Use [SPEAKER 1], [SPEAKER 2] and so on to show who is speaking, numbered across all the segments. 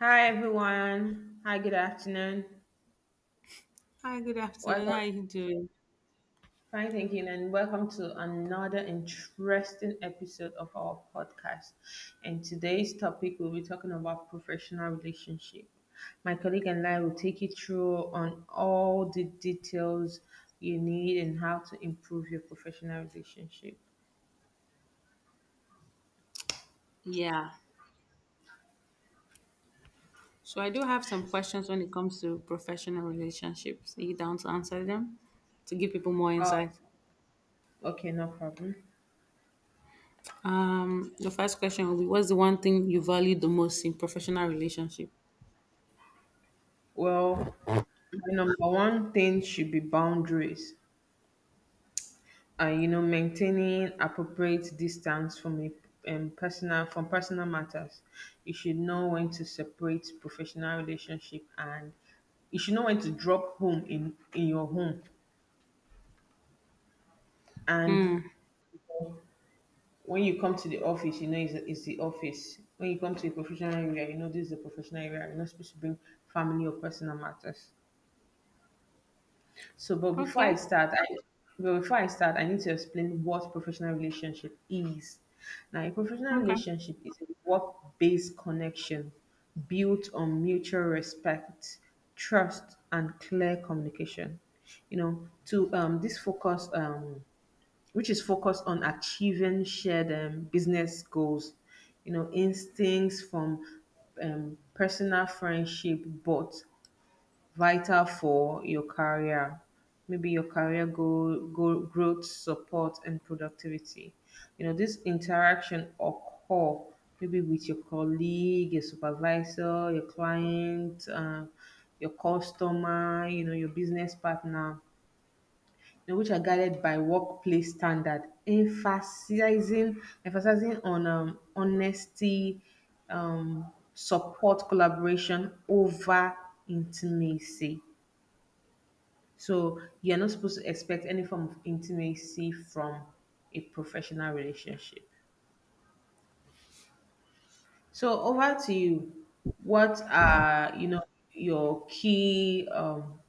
[SPEAKER 1] Hi everyone. Hi, good afternoon.
[SPEAKER 2] Hi, good afternoon. How
[SPEAKER 1] Welcome.
[SPEAKER 2] are you doing?
[SPEAKER 1] Fine, thank you, and welcome to another interesting episode of our podcast. And today's topic we'll be talking about professional relationship. My colleague and I will take you through on all the details you need and how to improve your professional relationship.
[SPEAKER 2] Yeah. So I do have some questions when it comes to professional relationships. Are you down to answer them to give people more
[SPEAKER 1] Oh,
[SPEAKER 2] insight?
[SPEAKER 1] okay, no problem.
[SPEAKER 2] The first question will be what's the one thing you value the most in professional relationship?
[SPEAKER 1] Well, the number one thing should be boundaries. And maintaining appropriate distance from a personal from personal matters. You should know when to separate professional relationship, and you should know when to drop home in your home. And when you come to the office, it's the office. When you come to a professional area, this is the professional area. You're not supposed to bring family or personal matters. So, but before
[SPEAKER 2] Okay.
[SPEAKER 1] I start, I but before I start, I need to explain what professional relationship is. Now, a professional
[SPEAKER 2] Okay.
[SPEAKER 1] relationship is a work-based connection built on mutual respect, trust, and clear communication. You know, to um, this focus, um, which is focused on achieving shared business goals. Instincts from personal friendship, but vital for your career, maybe your career goal growth, support, and productivity. This interaction occur maybe with your colleague, your supervisor, your client, your customer, your business partner, which are guided by workplace standard, emphasizing on honesty, support, collaboration over intimacy. So you're not supposed to expect any form of intimacy from a professional relationship. So over to you. What are your key um,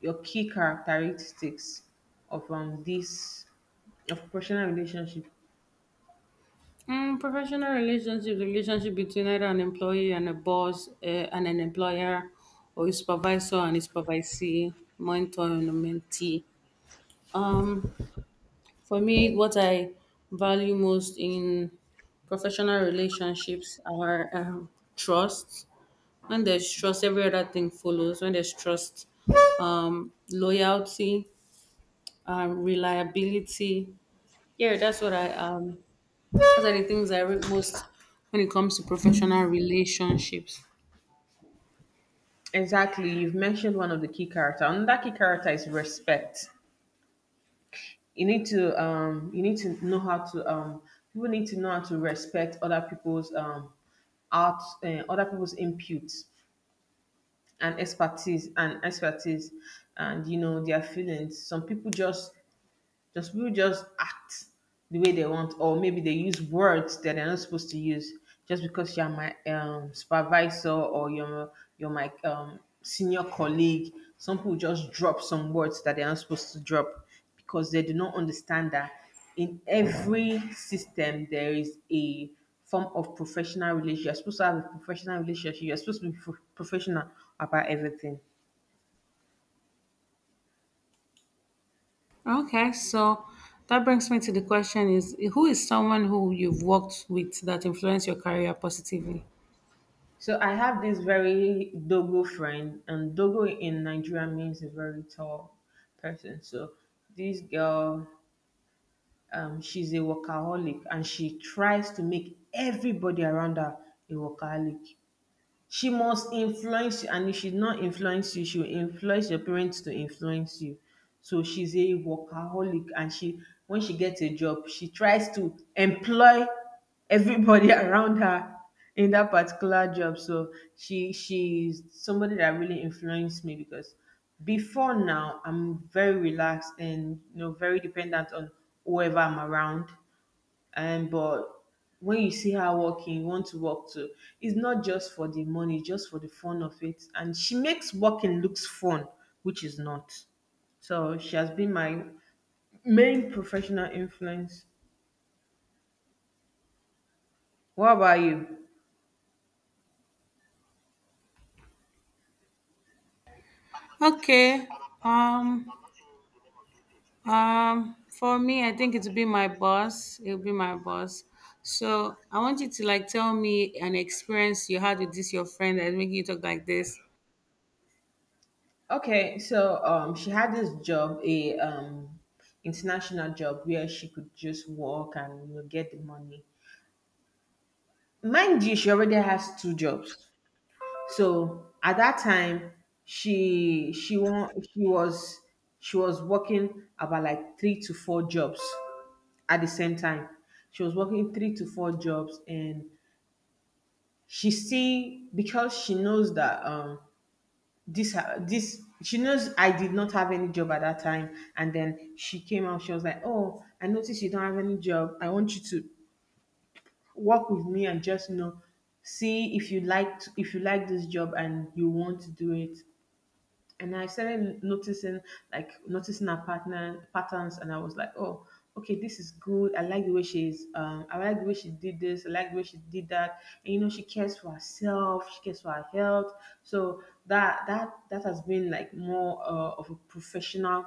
[SPEAKER 1] your key characteristics of this of professional relationship?
[SPEAKER 2] Professional relationship, the relationship between either an employee and a boss, and an employer, or a supervisor and a supervisee, mentor and a mentee. Um, For me, what I value most in professional relationships are trust. When there's trust, every other thing follows. When there's trust, loyalty, reliability. Yeah, that's what I. Those are the things I read most when it comes to professional relationships.
[SPEAKER 1] Exactly. You've mentioned one of the key character. Another key character is respect. You need to know how to people need to know how to respect other people's out other people's inputs and expertise and their feelings. Some people just just people just act the way they want, or maybe they use words that they're not supposed to use just because you're my supervisor, or you're my senior colleague. Some people just drop some words that they're not supposed to drop because they do not understand that in every system there is a form of professional relationship. You're supposed to have a professional relationship. You're supposed to be professional about everything.
[SPEAKER 2] Okay, so that brings me to the question: Is who is someone who you've worked with that influenced your career positively?
[SPEAKER 1] So I have this very dogo friend, and dogo in Nigeria means a very tall person. So this girl, she's a workaholic, and she tries to make everybody around her a workaholic. She must influence you, and if she's not influence you, she will influence your parents to influence you. So she's a workaholic, and she when she gets a job, she tries to employ everybody around her in that particular job. So she's somebody that really influenced me, because before now, I'm very relaxed and very dependent on whoever I'm around. And but when you see her walking, you want to walk too. It's not just for the money, it's just for the fun of it. And she makes walking looks fun, which is not. So she has been my main professional influence. What about you?
[SPEAKER 2] Okay. Um for me, I think it'll be my boss. It'll be my boss. So I want you to like tell me an experience you had with this your friend that's making you talk like this.
[SPEAKER 1] Okay, so she had this job, a international job where she could just work and get the money. Mind you, she already has two jobs. So at that time, she she wa- she was she was working about like three to four jobs at the same time. She was working three to four jobs, and she still, because she knows that this ha- this she knows I did not have any job at that time. And then she came out. She was like, "Oh, I noticed you don't have any job. I want you to work with me and just see if you like this job and you want to do it." And I started noticing her partner patterns, and I was like, oh, okay, this is good. I like the way she did this. I like the way she did that. And she cares for herself. She cares for her health. So that has been more of a professional.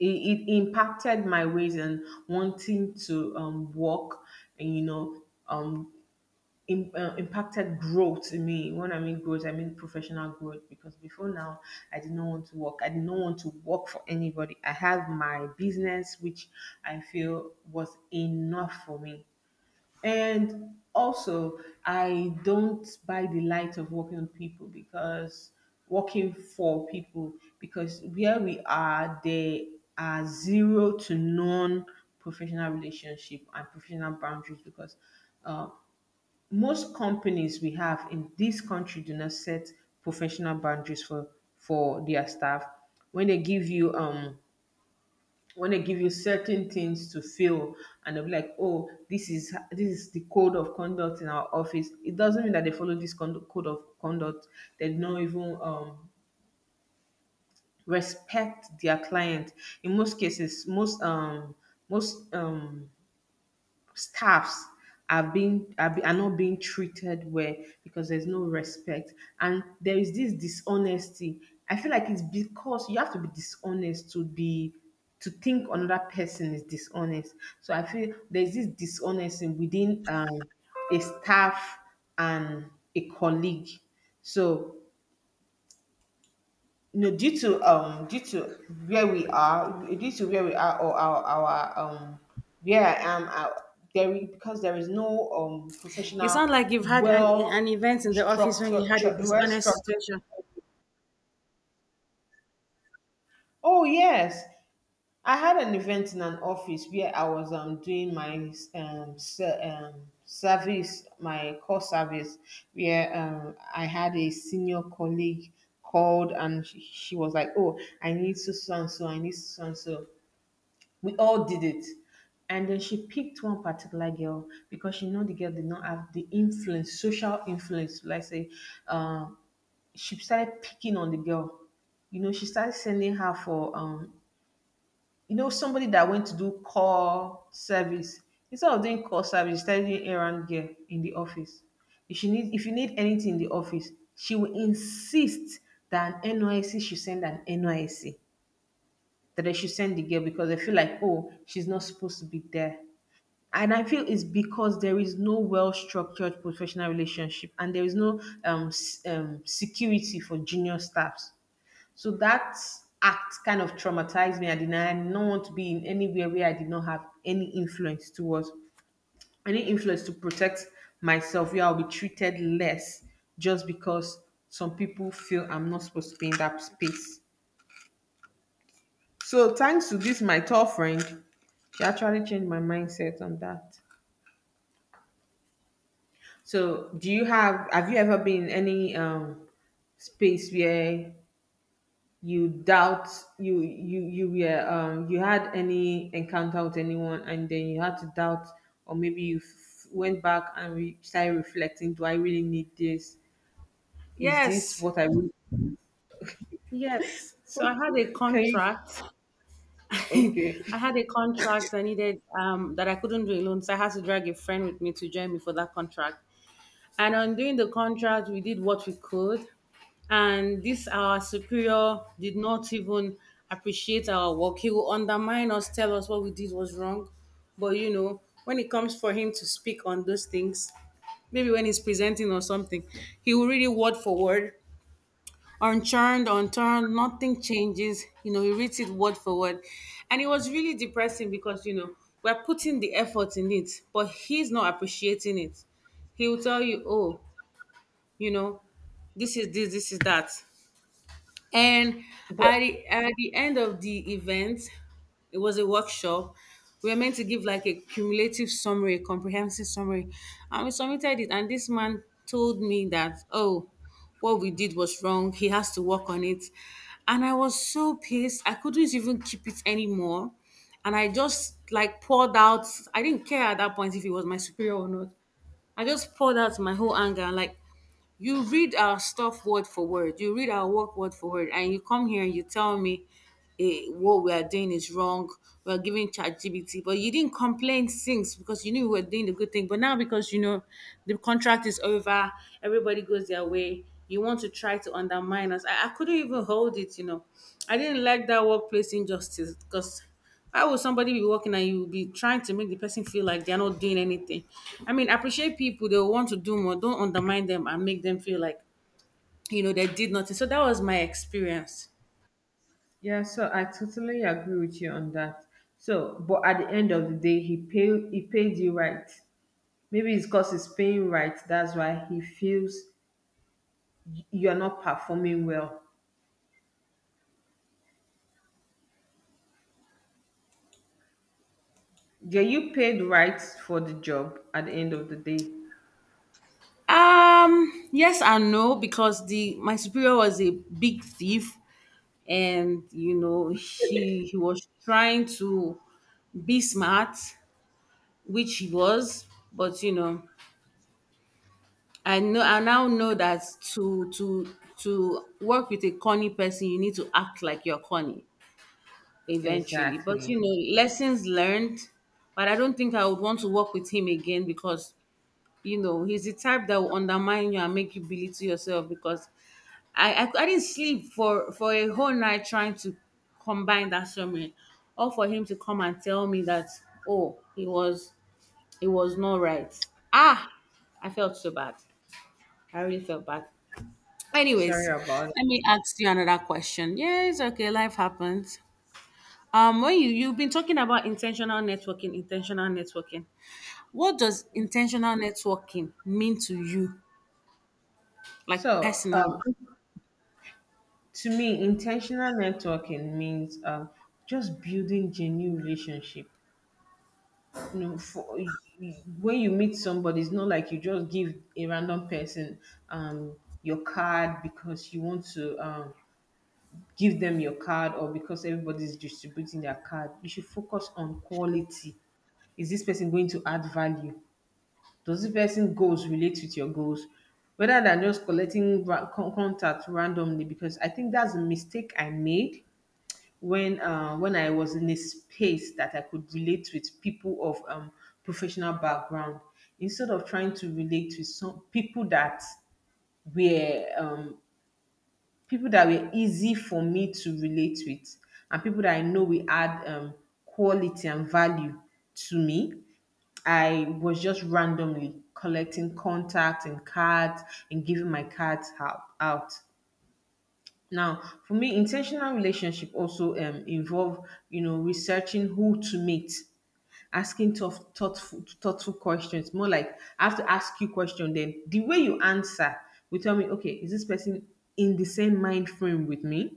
[SPEAKER 1] It impacted my ways and wanting to work, and um, impacted growth in me. When I mean growth, I mean professional growth, because before now, I did not want to work. I did not want to work for anybody. I have my business, which I feel was enough for me. And also, I don't buy the light of working for people, because where we are, there are zero to non professional relationship and professional boundaries. Because uh, most companies we have in this country do not set professional boundaries for their staff. When they give you when they give you certain things to fill, and they'll be like, oh, this is the code of conduct in our office, it doesn't mean that they follow this code of conduct. They don't even respect their client. In most cases, most staffs are not being treated well, because there's no respect. And there is this dishonesty. I feel like it's because you have to be dishonest to be to think another person is dishonest. So I feel there's this dishonesty within a staff and a colleague. So, no, due to where we are, or our where I am, there is no
[SPEAKER 2] You
[SPEAKER 1] professional,
[SPEAKER 2] sound like you've had an
[SPEAKER 1] well
[SPEAKER 2] event in the office when you
[SPEAKER 1] structured,
[SPEAKER 2] had a
[SPEAKER 1] well
[SPEAKER 2] dishonest
[SPEAKER 1] structured.
[SPEAKER 2] situation.
[SPEAKER 1] Oh yes, I had an event in an office where I was doing my service, my core service, where I had a senior colleague called, and she was like, oh, I need so so and so, I need so so and so. We all did it. And then she picked one particular girl, because she know the girl did not have the influence, social influence. Like say, uh, she started picking on the girl. She started sending her for somebody that went to do call service. Instead of doing call service, she started doing errand girl in the office. If you need anything in the office, she will insist that an NYC should send an NYC, that they should send the girl, because they feel like, oh, she's not supposed to be there. And I feel it's because there is no well structured professional relationship, and there is no security for junior staffs. So that act kind of traumatized me. I did not want to be in anywhere where I did not have any influence to protect myself, where I'll be treated less just because some people feel I'm not supposed to be in that space. So thanks to this, my tall friend, she actually changed my mindset on that. So do you have you ever been in any space where you doubt you you you were you had any encounter with anyone, and then you had to doubt? Or maybe went back and started reflecting, do I really need this? Is this
[SPEAKER 2] Yes,
[SPEAKER 1] what I really
[SPEAKER 2] yes. So I had a
[SPEAKER 1] can you
[SPEAKER 2] contract.
[SPEAKER 1] okay.
[SPEAKER 2] I had a contract I needed that I couldn't do alone, so I had to drag a friend with me to join me for that contract. And on doing the contract, we did what we could. And this, our superior did not even appreciate our work. He will undermine us, tell us what we did was wrong. But you know, when it comes for him to speak on those things, maybe when he's presenting or something, he will read it word for word, unchurned, unturned, nothing changes. You know, he reads it word for word. And it was really depressing because, you know, we're putting the effort in it, but he's not appreciating it. He will tell you, oh, you know, this is this is that. And at the end of the event, it was a workshop, we were meant to give like a cumulative summary, a comprehensive summary, and we submitted it, and this man told me that, oh, what we did was wrong, he has to work on it. And I was so pissed, I couldn't even keep it anymore, and I just like poured out. I didn't care at that point if he was my superior or not. I just poured out my whole anger and like, you read our stuff word for word. You read our work word for word, and you come here and you tell me what we are doing is wrong. We are giving ChatGPT, but you didn't complain since because you knew we were doing the good thing. But now because you know the contract is over, everybody goes their way. You want to try to undermine us. I couldn't even hold it. You know, I didn't like that workplace injustice because why would somebody be working and you will be trying to make the person feel like they're not doing anything? I mean, appreciate people, they want to do more. Don't undermine them and make them feel like, you know, they did nothing. So that was my experience.
[SPEAKER 1] Yeah, so I totally agree with you on that. So, but at the end of the day, he paid you right. Maybe it's because he's paying right, that's why he feels you're not performing well. Yeah, you paid right for the job at the end of the day.
[SPEAKER 2] Yes and no, because the my superior was a big thief, and you know, he was trying to be smart, which he was, but you know, I now know that to work with a corny person, you need to act like you're corny eventually. But
[SPEAKER 1] Exactly.
[SPEAKER 2] you know, lessons learned. But I don't think I would want to work with him again because you know he's the type that will undermine you and make you belittle yourself. Because I didn't sleep for a whole night trying to combine that summary, or for him to come and tell me that, oh, he was it was not right. Ah, I felt so bad. I really felt bad.
[SPEAKER 1] Sorry
[SPEAKER 2] Anyways,
[SPEAKER 1] about it.
[SPEAKER 2] let me ask you another question. Yes, okay, life happens. When you've been talking about intentional networking, intentional networking. What does intentional networking mean to you, like
[SPEAKER 1] So,
[SPEAKER 2] personally?
[SPEAKER 1] to me, intentional networking means just building genuine relationship. You know for When you meet somebody, it's not like you just give a random person um your card because you want to give them your card, or because everybody's distributing their card. You should focus on quality. Is this person going to add value? Does this person goals relate with your goals, rather than just collecting contact randomly? Because I think that's a mistake I made when when I was in a space that I could relate with people of professional background, instead of trying to relate with some were um, people that were easy for me to relate with, and people that I know we add quality and value to me. I was just randomly collecting contacts and cards and giving my cards out. Now, for me, intentional relationship also involve, researching who to meet, asking tough, thoughtful questions. More like I have to ask you question. Then the way you answer will tell me, okay, is this person in the same mind frame with me?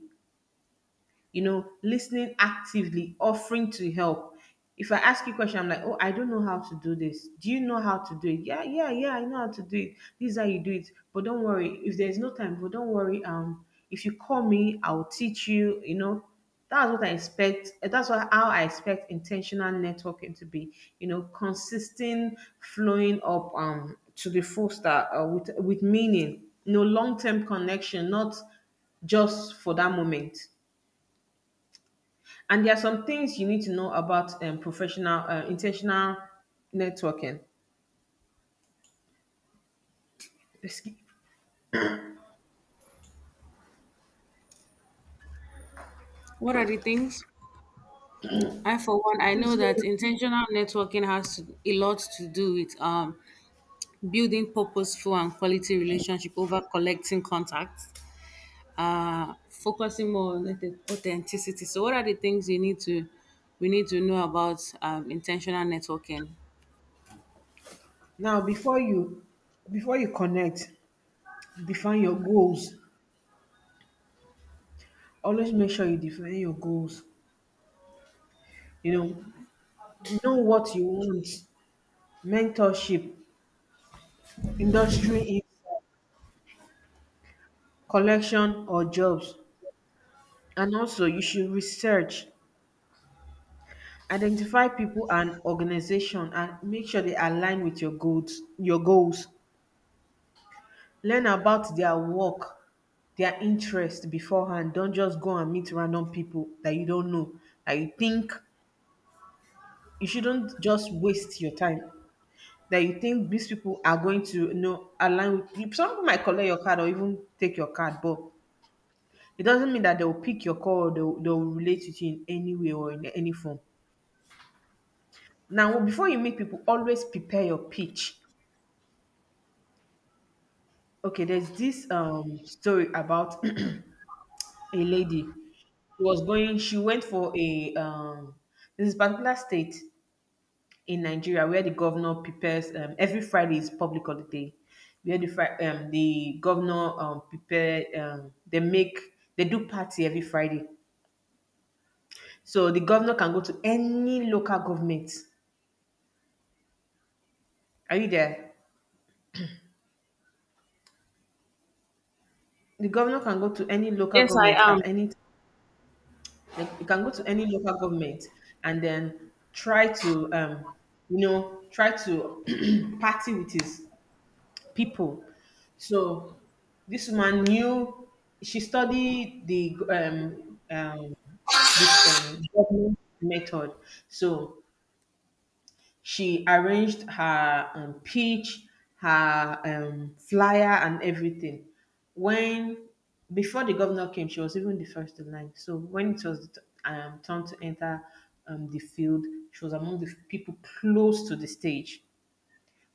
[SPEAKER 1] You know, listening actively, offering to help. If I ask you a question, I'm like, oh, I don't know how to do this, do you know how to do it? Yeah, yeah, yeah, I know how to do it. This is how you do it, but don't worry if there's no time, but don't worry. If you call me, I'll teach you, you know that's what I expect. Eh, that's what, how I expect intentional networking to be. You know, consistent, flowing up, to the full start, with meaning. No long-term connection, not just for that moment. And there are some things you need to know about professional, intentional networking. Excuse-
[SPEAKER 2] What are the things? I, for one, I know
[SPEAKER 1] Please hold
[SPEAKER 2] that
[SPEAKER 1] on.
[SPEAKER 2] intentional networking has a lot to do with building purposeful and quality relationship over collecting contacts, focusing more on authenticity. So, what are the things you need to we need to know about intentional networking?
[SPEAKER 1] Now, before you connect, define your goals. Always make sure you define your goals. You know what you want. Mentorship, industry, insight, collection, or jobs. And also, you should research, identify people and organization, and make sure they align with your goals. Your goals, learn about their work, their interest beforehand. Don't just go and meet random people that you don't know, that you think, you shouldn't just waste your time, that you think these people are going to, you know, align with you. Some people might collect your card or even take your card, but it doesn't mean that they'll pick your call or they'll relate with you in any way or in any form. Now, before you meet people, always prepare your pitch. Okay, there's this story about a lady. She was going. She went for a this particular state in Nigeria where the governor prepares every Friday is public holiday. Where the the governor prepare, they make, they do party every Friday. So the governor can go to any local government. Are you there? The governor can go to any local
[SPEAKER 2] Yes, I
[SPEAKER 1] government
[SPEAKER 2] am.
[SPEAKER 1] at any. Like, you can go to any local government and then try to, you know, try to party with his people. So this woman knew, she studied the this gardening method. So she arranged her pitch, her flyer, and everything. When, before the governor came, she was even the first in line. So when it was time to enter the field, she was among the people close to the stage.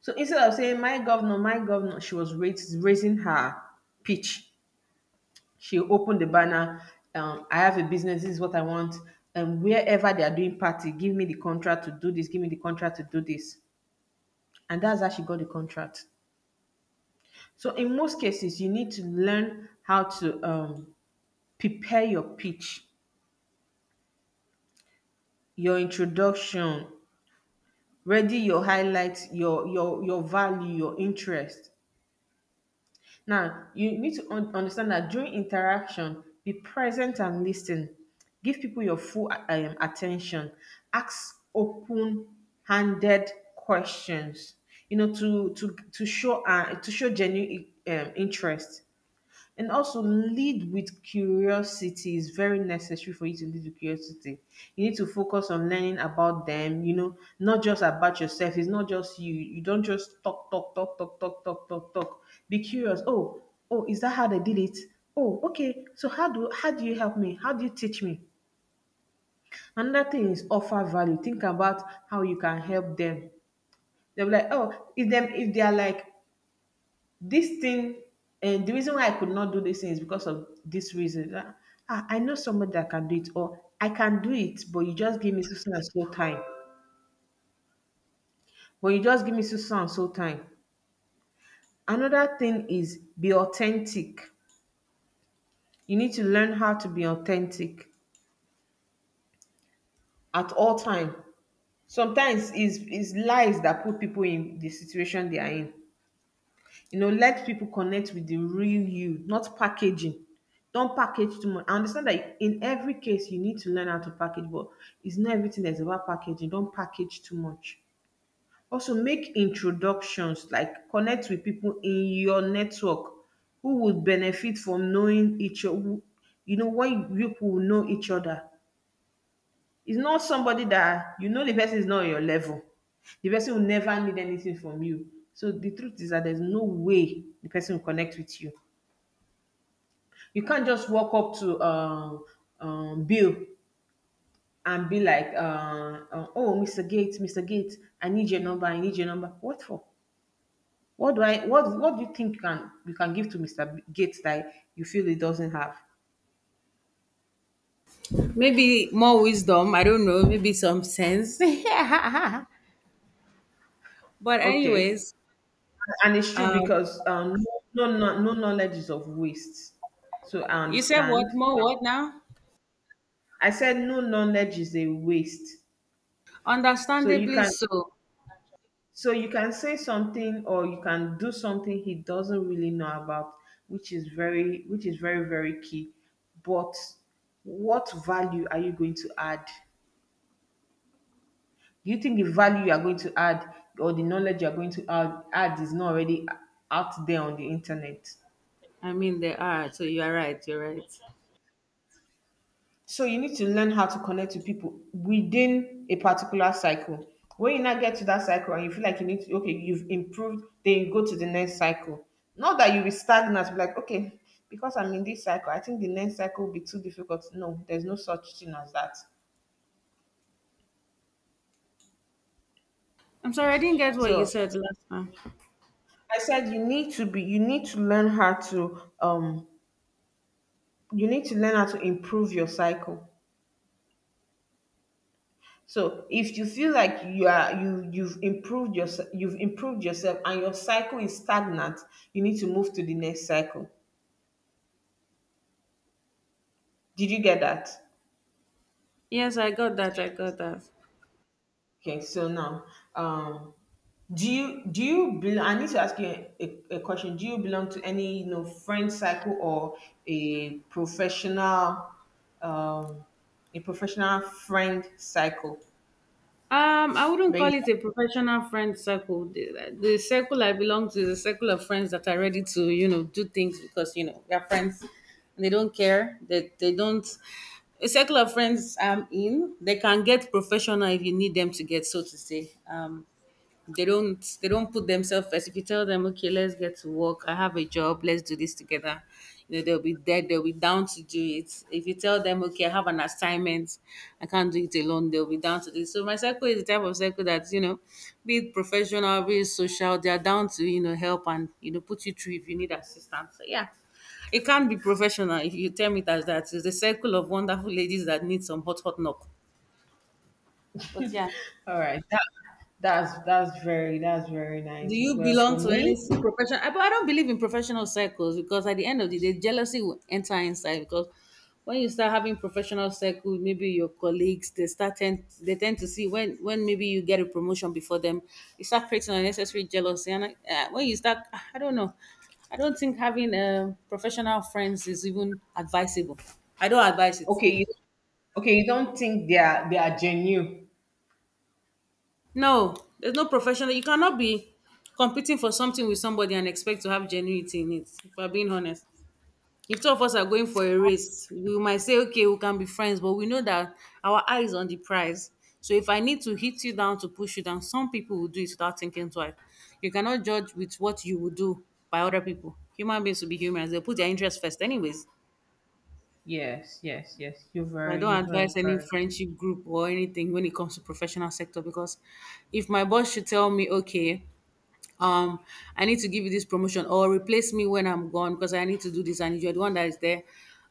[SPEAKER 1] So instead of saying my governor, she was raising her pitch. She opened the banner. I have a business. This is what I want. And wherever they are doing party, give me the contract to do this. Give me the contract to do this. And that's how she got the contract. So in most cases, you need to learn how to prepare your pitch, your introduction, ready your highlights, your value, your interest. Now, you need to understand that during interaction, be present and listen. Give people your full attention. Ask open-handed questions. You know, to show, to show genuine interest. And also, lead with curiosity. Is very necessary for you to lead with curiosity. You need to focus on learning about them, you know, not just about yourself. It's not just you. You don't just talk, talk, talk, talk, talk, talk, talk, talk. Be curious. Oh, oh, is that how they did it? Oh, okay. So how do you help me? How do you teach me? Another thing is offer value. Think about how you can help them. They'll be like, oh, if they are like this thing, and the reason why I could not do this thing is because of this reason. Ah, ah, I know somebody that can do it, or I can do it, but you just give me so so and so time. But you just give me so so and so time. Another thing is be authentic. You need to learn how to be authentic at all time. Sometimes it's lies that put people in the situation they are in. You know, let people connect with the real you, not packaging. Don't package too much. I understand that in every case you need to learn how to package, but it's not everything that's about packaging. Don't package too much. Also, make introductions, like connect with people in your network who would benefit from knowing each other. You know, when you people will know each other, it's not somebody that, you know, the person is not on your level. The person will never need anything from you. So the truth is that there's no way the person will connect with you. You can't just walk up to, Bill, and be like, "Oh, Mr. Gates, Mr. Gates, I need your number. I need your number." What for? What do I? What do you think you can, give to Mr. Gates that you feel he doesn't have?
[SPEAKER 2] Maybe more wisdom. I don't know. Maybe some sense. but
[SPEAKER 1] Okay,
[SPEAKER 2] anyways,
[SPEAKER 1] and it's true
[SPEAKER 2] um,
[SPEAKER 1] because, no knowledge is of waste. So I
[SPEAKER 2] you said
[SPEAKER 1] understand.
[SPEAKER 2] what more? What now?
[SPEAKER 1] I said no knowledge is a waste. So you
[SPEAKER 2] Understandably
[SPEAKER 1] can,
[SPEAKER 2] so.
[SPEAKER 1] say something or you can do something he doesn't really know about, which is very, very key. But what value are you going to add? Do you think the value you are going to add, or the knowledge you are going to add, is not already out there on the internet?
[SPEAKER 2] I mean, there are. So you are right. You're right.
[SPEAKER 1] So you need to learn how to connect to people within a particular cycle. When you now get to that cycle and you feel like you need to, okay, you've improved, then you go to the next cycle. Not that you be stagnant, be like, okay, because I'm in this cycle, I think the next cycle will be too difficult. No, there's no such thing as that.
[SPEAKER 2] I'm sorry, I didn't get what you
[SPEAKER 1] So
[SPEAKER 2] said last time.
[SPEAKER 1] I said you need to be, you need to learn how to you need to learn how to improve your cycle. So if you feel like you've improved yourself, and your cycle is stagnant, you need to move to the next cycle. Did you get that?
[SPEAKER 2] Yes, I got that. I got that.
[SPEAKER 1] Okay, so now, um do you bel I need to ask you a question. Do you belong to any, you know, friend cycle or a professional, um a professional friend cycle?
[SPEAKER 2] I wouldn't
[SPEAKER 1] Where
[SPEAKER 2] call
[SPEAKER 1] you-
[SPEAKER 2] it a professional friend circle. The circle I belong to is a circle of friends that are ready to, you know, do things because, you know, they're friends and they don't care. They don't. A circle of friends I'm in, they can get professional if you need them to get, so to say. They don't put themselves first. If you tell them, okay, let's get to work, I have a job, let's do this together, you know, they'll be there, they'll be down to do it. If you tell them, okay, I have an assignment, I can't do it alone, they'll be down to this. So my circle is the type of circle that, you know, be it professional, be it social, they are down to, you know, help and you know, put you through if you need assistance. So yeah. It can't be professional if you tell me it as that. It's the circle of wonderful ladies that need some hot hot knock. But yeah.
[SPEAKER 1] All right. That's very
[SPEAKER 2] Do
[SPEAKER 1] nice.
[SPEAKER 2] you
[SPEAKER 1] Well,
[SPEAKER 2] belong
[SPEAKER 1] for
[SPEAKER 2] to any
[SPEAKER 1] me,
[SPEAKER 2] profession? I, but I don't believe in professional circles because at the end of the day, jealousy will enter inside. Because when you start having professional circles, maybe your colleagues they tend to see when maybe you get a promotion before them, you start creating unnecessary jealousy. And I, when you start, I don't know, I don't think having professional friends is even advisable. I don't advise it.
[SPEAKER 1] okay, you okay, you don't think they are, genuine.
[SPEAKER 2] No, there's no professional. You cannot be competing for something with somebody and expect to have genuity in it. If I'm being honest. If two of us are going for a race, we might say, okay, we can be friends, but we know that our eye is on the prize. So if I need to hit you down to push you down, some people will do it without thinking twice. You cannot judge with what you will do by other people. Human beings will be humans, they'll put their interests first, anyways.
[SPEAKER 1] Yes, yes, yes.
[SPEAKER 2] So I
[SPEAKER 1] You're
[SPEAKER 2] don't
[SPEAKER 1] very
[SPEAKER 2] advise any
[SPEAKER 1] correct.
[SPEAKER 2] friendship group or anything when it comes to professional sector because if my boss should tell me, okay, um I need to give you this promotion or replace me when I'm gone because I need to do this and you're the one that is there,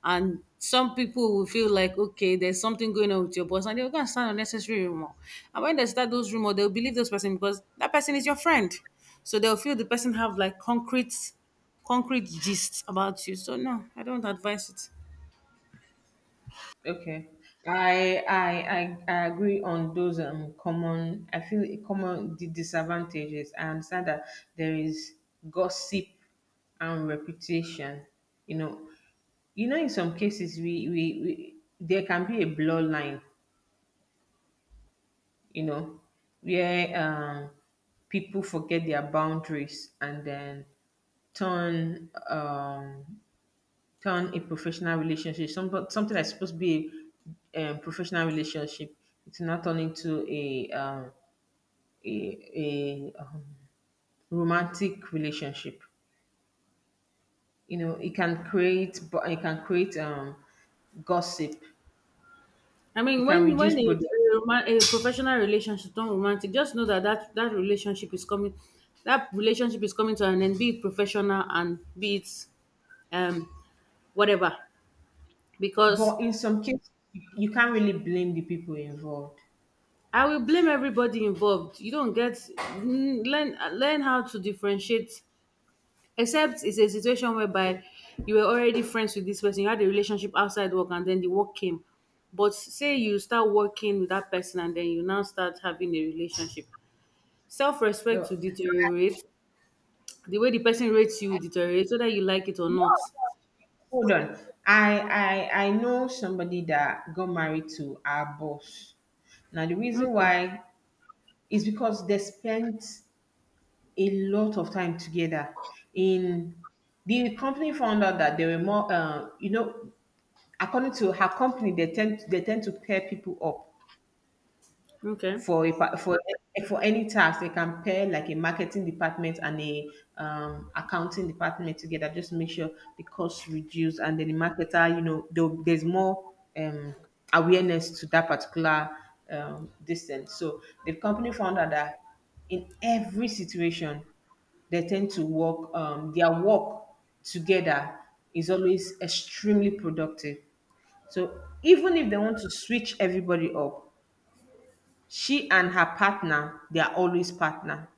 [SPEAKER 2] and some people will feel like, okay, there's something going on with your boss, and they're going to start unnecessary rumor. And when they start those rumor, they'll believe this person because that person is your friend, so they'll feel the person have like concrete gist about you. So no, I don't advise it.
[SPEAKER 1] Okay. I agree on those common, I feel it common, the disadvantages. I understand that there is gossip and reputation. You know, you know, in some cases we there can be a blur line, you know, where people forget their boundaries and then turn um turn a professional relationship, something that's supposed to be a professional relationship, it's now turned into a a, a um, romantic relationship. You know, it can create, but it can create gossip.
[SPEAKER 2] I mean,
[SPEAKER 1] It can reduce
[SPEAKER 2] when
[SPEAKER 1] product,
[SPEAKER 2] a professional relationship turn romantic, just know that, that relationship is coming, that relationship is coming to an end. Be it professional and be it um whatever, because
[SPEAKER 1] but in some cases, you can't really blame the people involved.
[SPEAKER 2] I will blame everybody involved. You don't get learn how to differentiate. Except it's a situation whereby you were already friends with this person, you had a relationship outside work, and then the work came. But say you start working with that person, and then you now start having a relationship. Self-respect
[SPEAKER 1] No,
[SPEAKER 2] to deteriorate. The way the person rates you deteriorates, whether you like it or not.
[SPEAKER 1] hold on. I I know somebody that got married to our boss. Now, the reason
[SPEAKER 2] Okay.
[SPEAKER 1] why is because they spent a lot of time together. In the company found out that there were more, you know, according to her company, they tend to pair people up
[SPEAKER 2] Okay.
[SPEAKER 1] for for any task, they can pair like a marketing department and a accounting department together just to make sure the costs reduce and then the marketer, you know, there's more um, awareness to that particular distance. So the company found out that in every situation they tend to work their work together is always extremely productive. So even if they want to switch everybody up, she and her partner, they are always partner.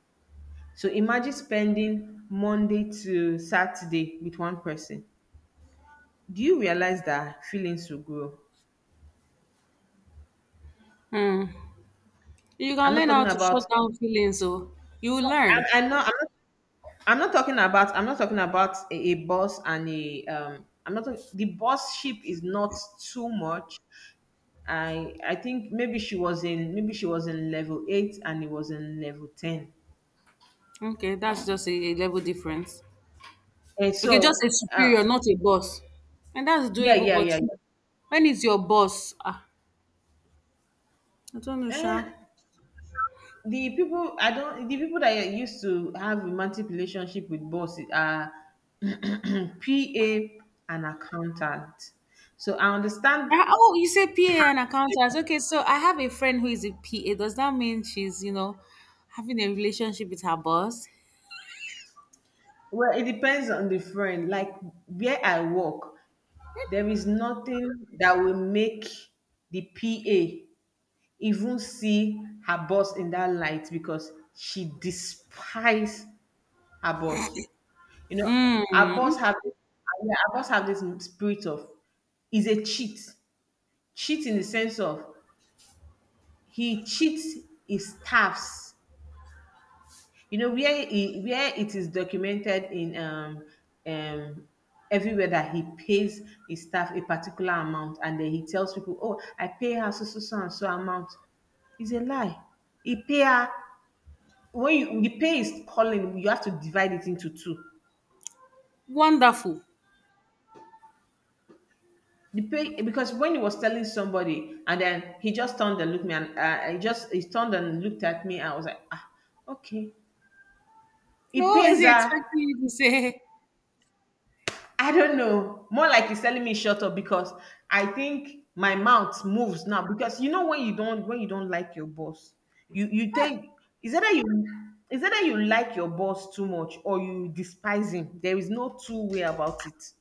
[SPEAKER 1] So imagine spending Monday to Saturday with one person. Do you realize that feelings will grow?
[SPEAKER 2] You can
[SPEAKER 1] i'm not
[SPEAKER 2] learn how
[SPEAKER 1] talking
[SPEAKER 2] to
[SPEAKER 1] about
[SPEAKER 2] shut down feelings, so you will
[SPEAKER 1] i'm,
[SPEAKER 2] learn.
[SPEAKER 1] I'm not I'm not I'm not talking about a boss and a I'm not talk- the boss ship is not too much. I think maybe she was in, maybe she was in level 8 and he was in level 10.
[SPEAKER 2] Okay, that's just a level difference.
[SPEAKER 1] And
[SPEAKER 2] Okay, just a
[SPEAKER 1] so,
[SPEAKER 2] superior,
[SPEAKER 1] uh,
[SPEAKER 2] not a boss. And that's
[SPEAKER 1] yeah,
[SPEAKER 2] doable,
[SPEAKER 1] yeah,
[SPEAKER 2] but
[SPEAKER 1] yeah, yeah.
[SPEAKER 2] when it's your boss, ah, I don't know,
[SPEAKER 1] Eh,
[SPEAKER 2] Sha.
[SPEAKER 1] the people I don't the people that are used to have romantic relationship with boss are PA and accountant. So I understand
[SPEAKER 2] Ah, oh, you say PA
[SPEAKER 1] how.
[SPEAKER 2] and accountants. Okay, so I have a friend who is a PA. Does that mean she's, you know, having a relationship with her boss?
[SPEAKER 1] Well, it depends on the friend. Like, where I work, there is nothing that will make the PA even see her boss in that light because she despises her boss. You know, our boss
[SPEAKER 2] Mm,
[SPEAKER 1] have yeah, our boss have this spirit of he's a cheat. Cheat in the sense of he cheats his staffs. You know, where he, where it is documented in um everywhere that he pays his staff a particular amount and then he tells people, oh, I pay her so so so and so amount. It's a lie. He pay her when you, the pay is calling, you have to divide it into two.
[SPEAKER 2] wonderful.
[SPEAKER 1] The pay, because when he was telling somebody, and then he just turned and looked me, and, he turned and looked at me, and I was like, ah, okay. He
[SPEAKER 2] No, is
[SPEAKER 1] pays
[SPEAKER 2] he
[SPEAKER 1] her.
[SPEAKER 2] expecting you to say?
[SPEAKER 1] I don't know. More like he's telling me shut up because I think my mouth moves now because you know when you don't like your boss, you think, is that you, is that you like your boss too much or you despise him? There is no two-way about it.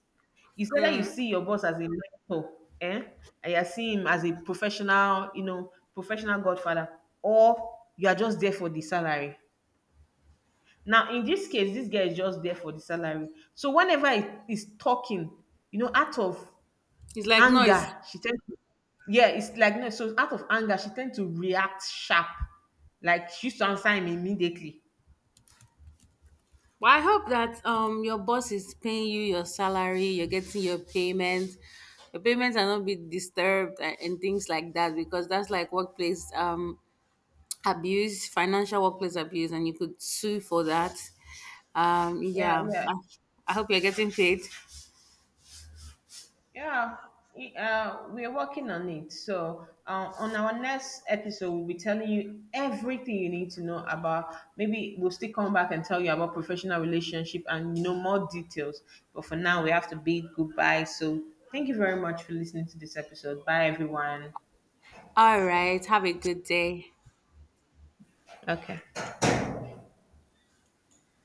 [SPEAKER 1] It's whether you see your boss as a mentor, eh? And you're seeing him as a professional, you know, professional godfather, or you are just there for the salary. Now, in this case, this guy is just there for the salary. So whenever he is talking, you know, out of
[SPEAKER 2] It's like noise.
[SPEAKER 1] anger, she tends to, yeah, it's like no, so out of anger, she tends to react sharp. Like she used to answer him immediately.
[SPEAKER 2] Well, I hope that your boss is paying you your salary, you're getting your payment, your payments are not being disturbed and things like that because that's like workplace abuse, financial workplace abuse, and you could sue for that. Um,
[SPEAKER 1] Yeah,
[SPEAKER 2] yeah,
[SPEAKER 1] yeah.
[SPEAKER 2] I, I hope you're getting paid.
[SPEAKER 1] Yeah, we are working on it. So, on our next episode, we'll be telling you everything you need to know about. Maybe we'll still come back and tell you about professional relationship and, you know, more details. But for now, we have to bid goodbye. So, thank you very much for listening to this episode. Bye, everyone.
[SPEAKER 2] All right, have a good day.
[SPEAKER 1] Okay.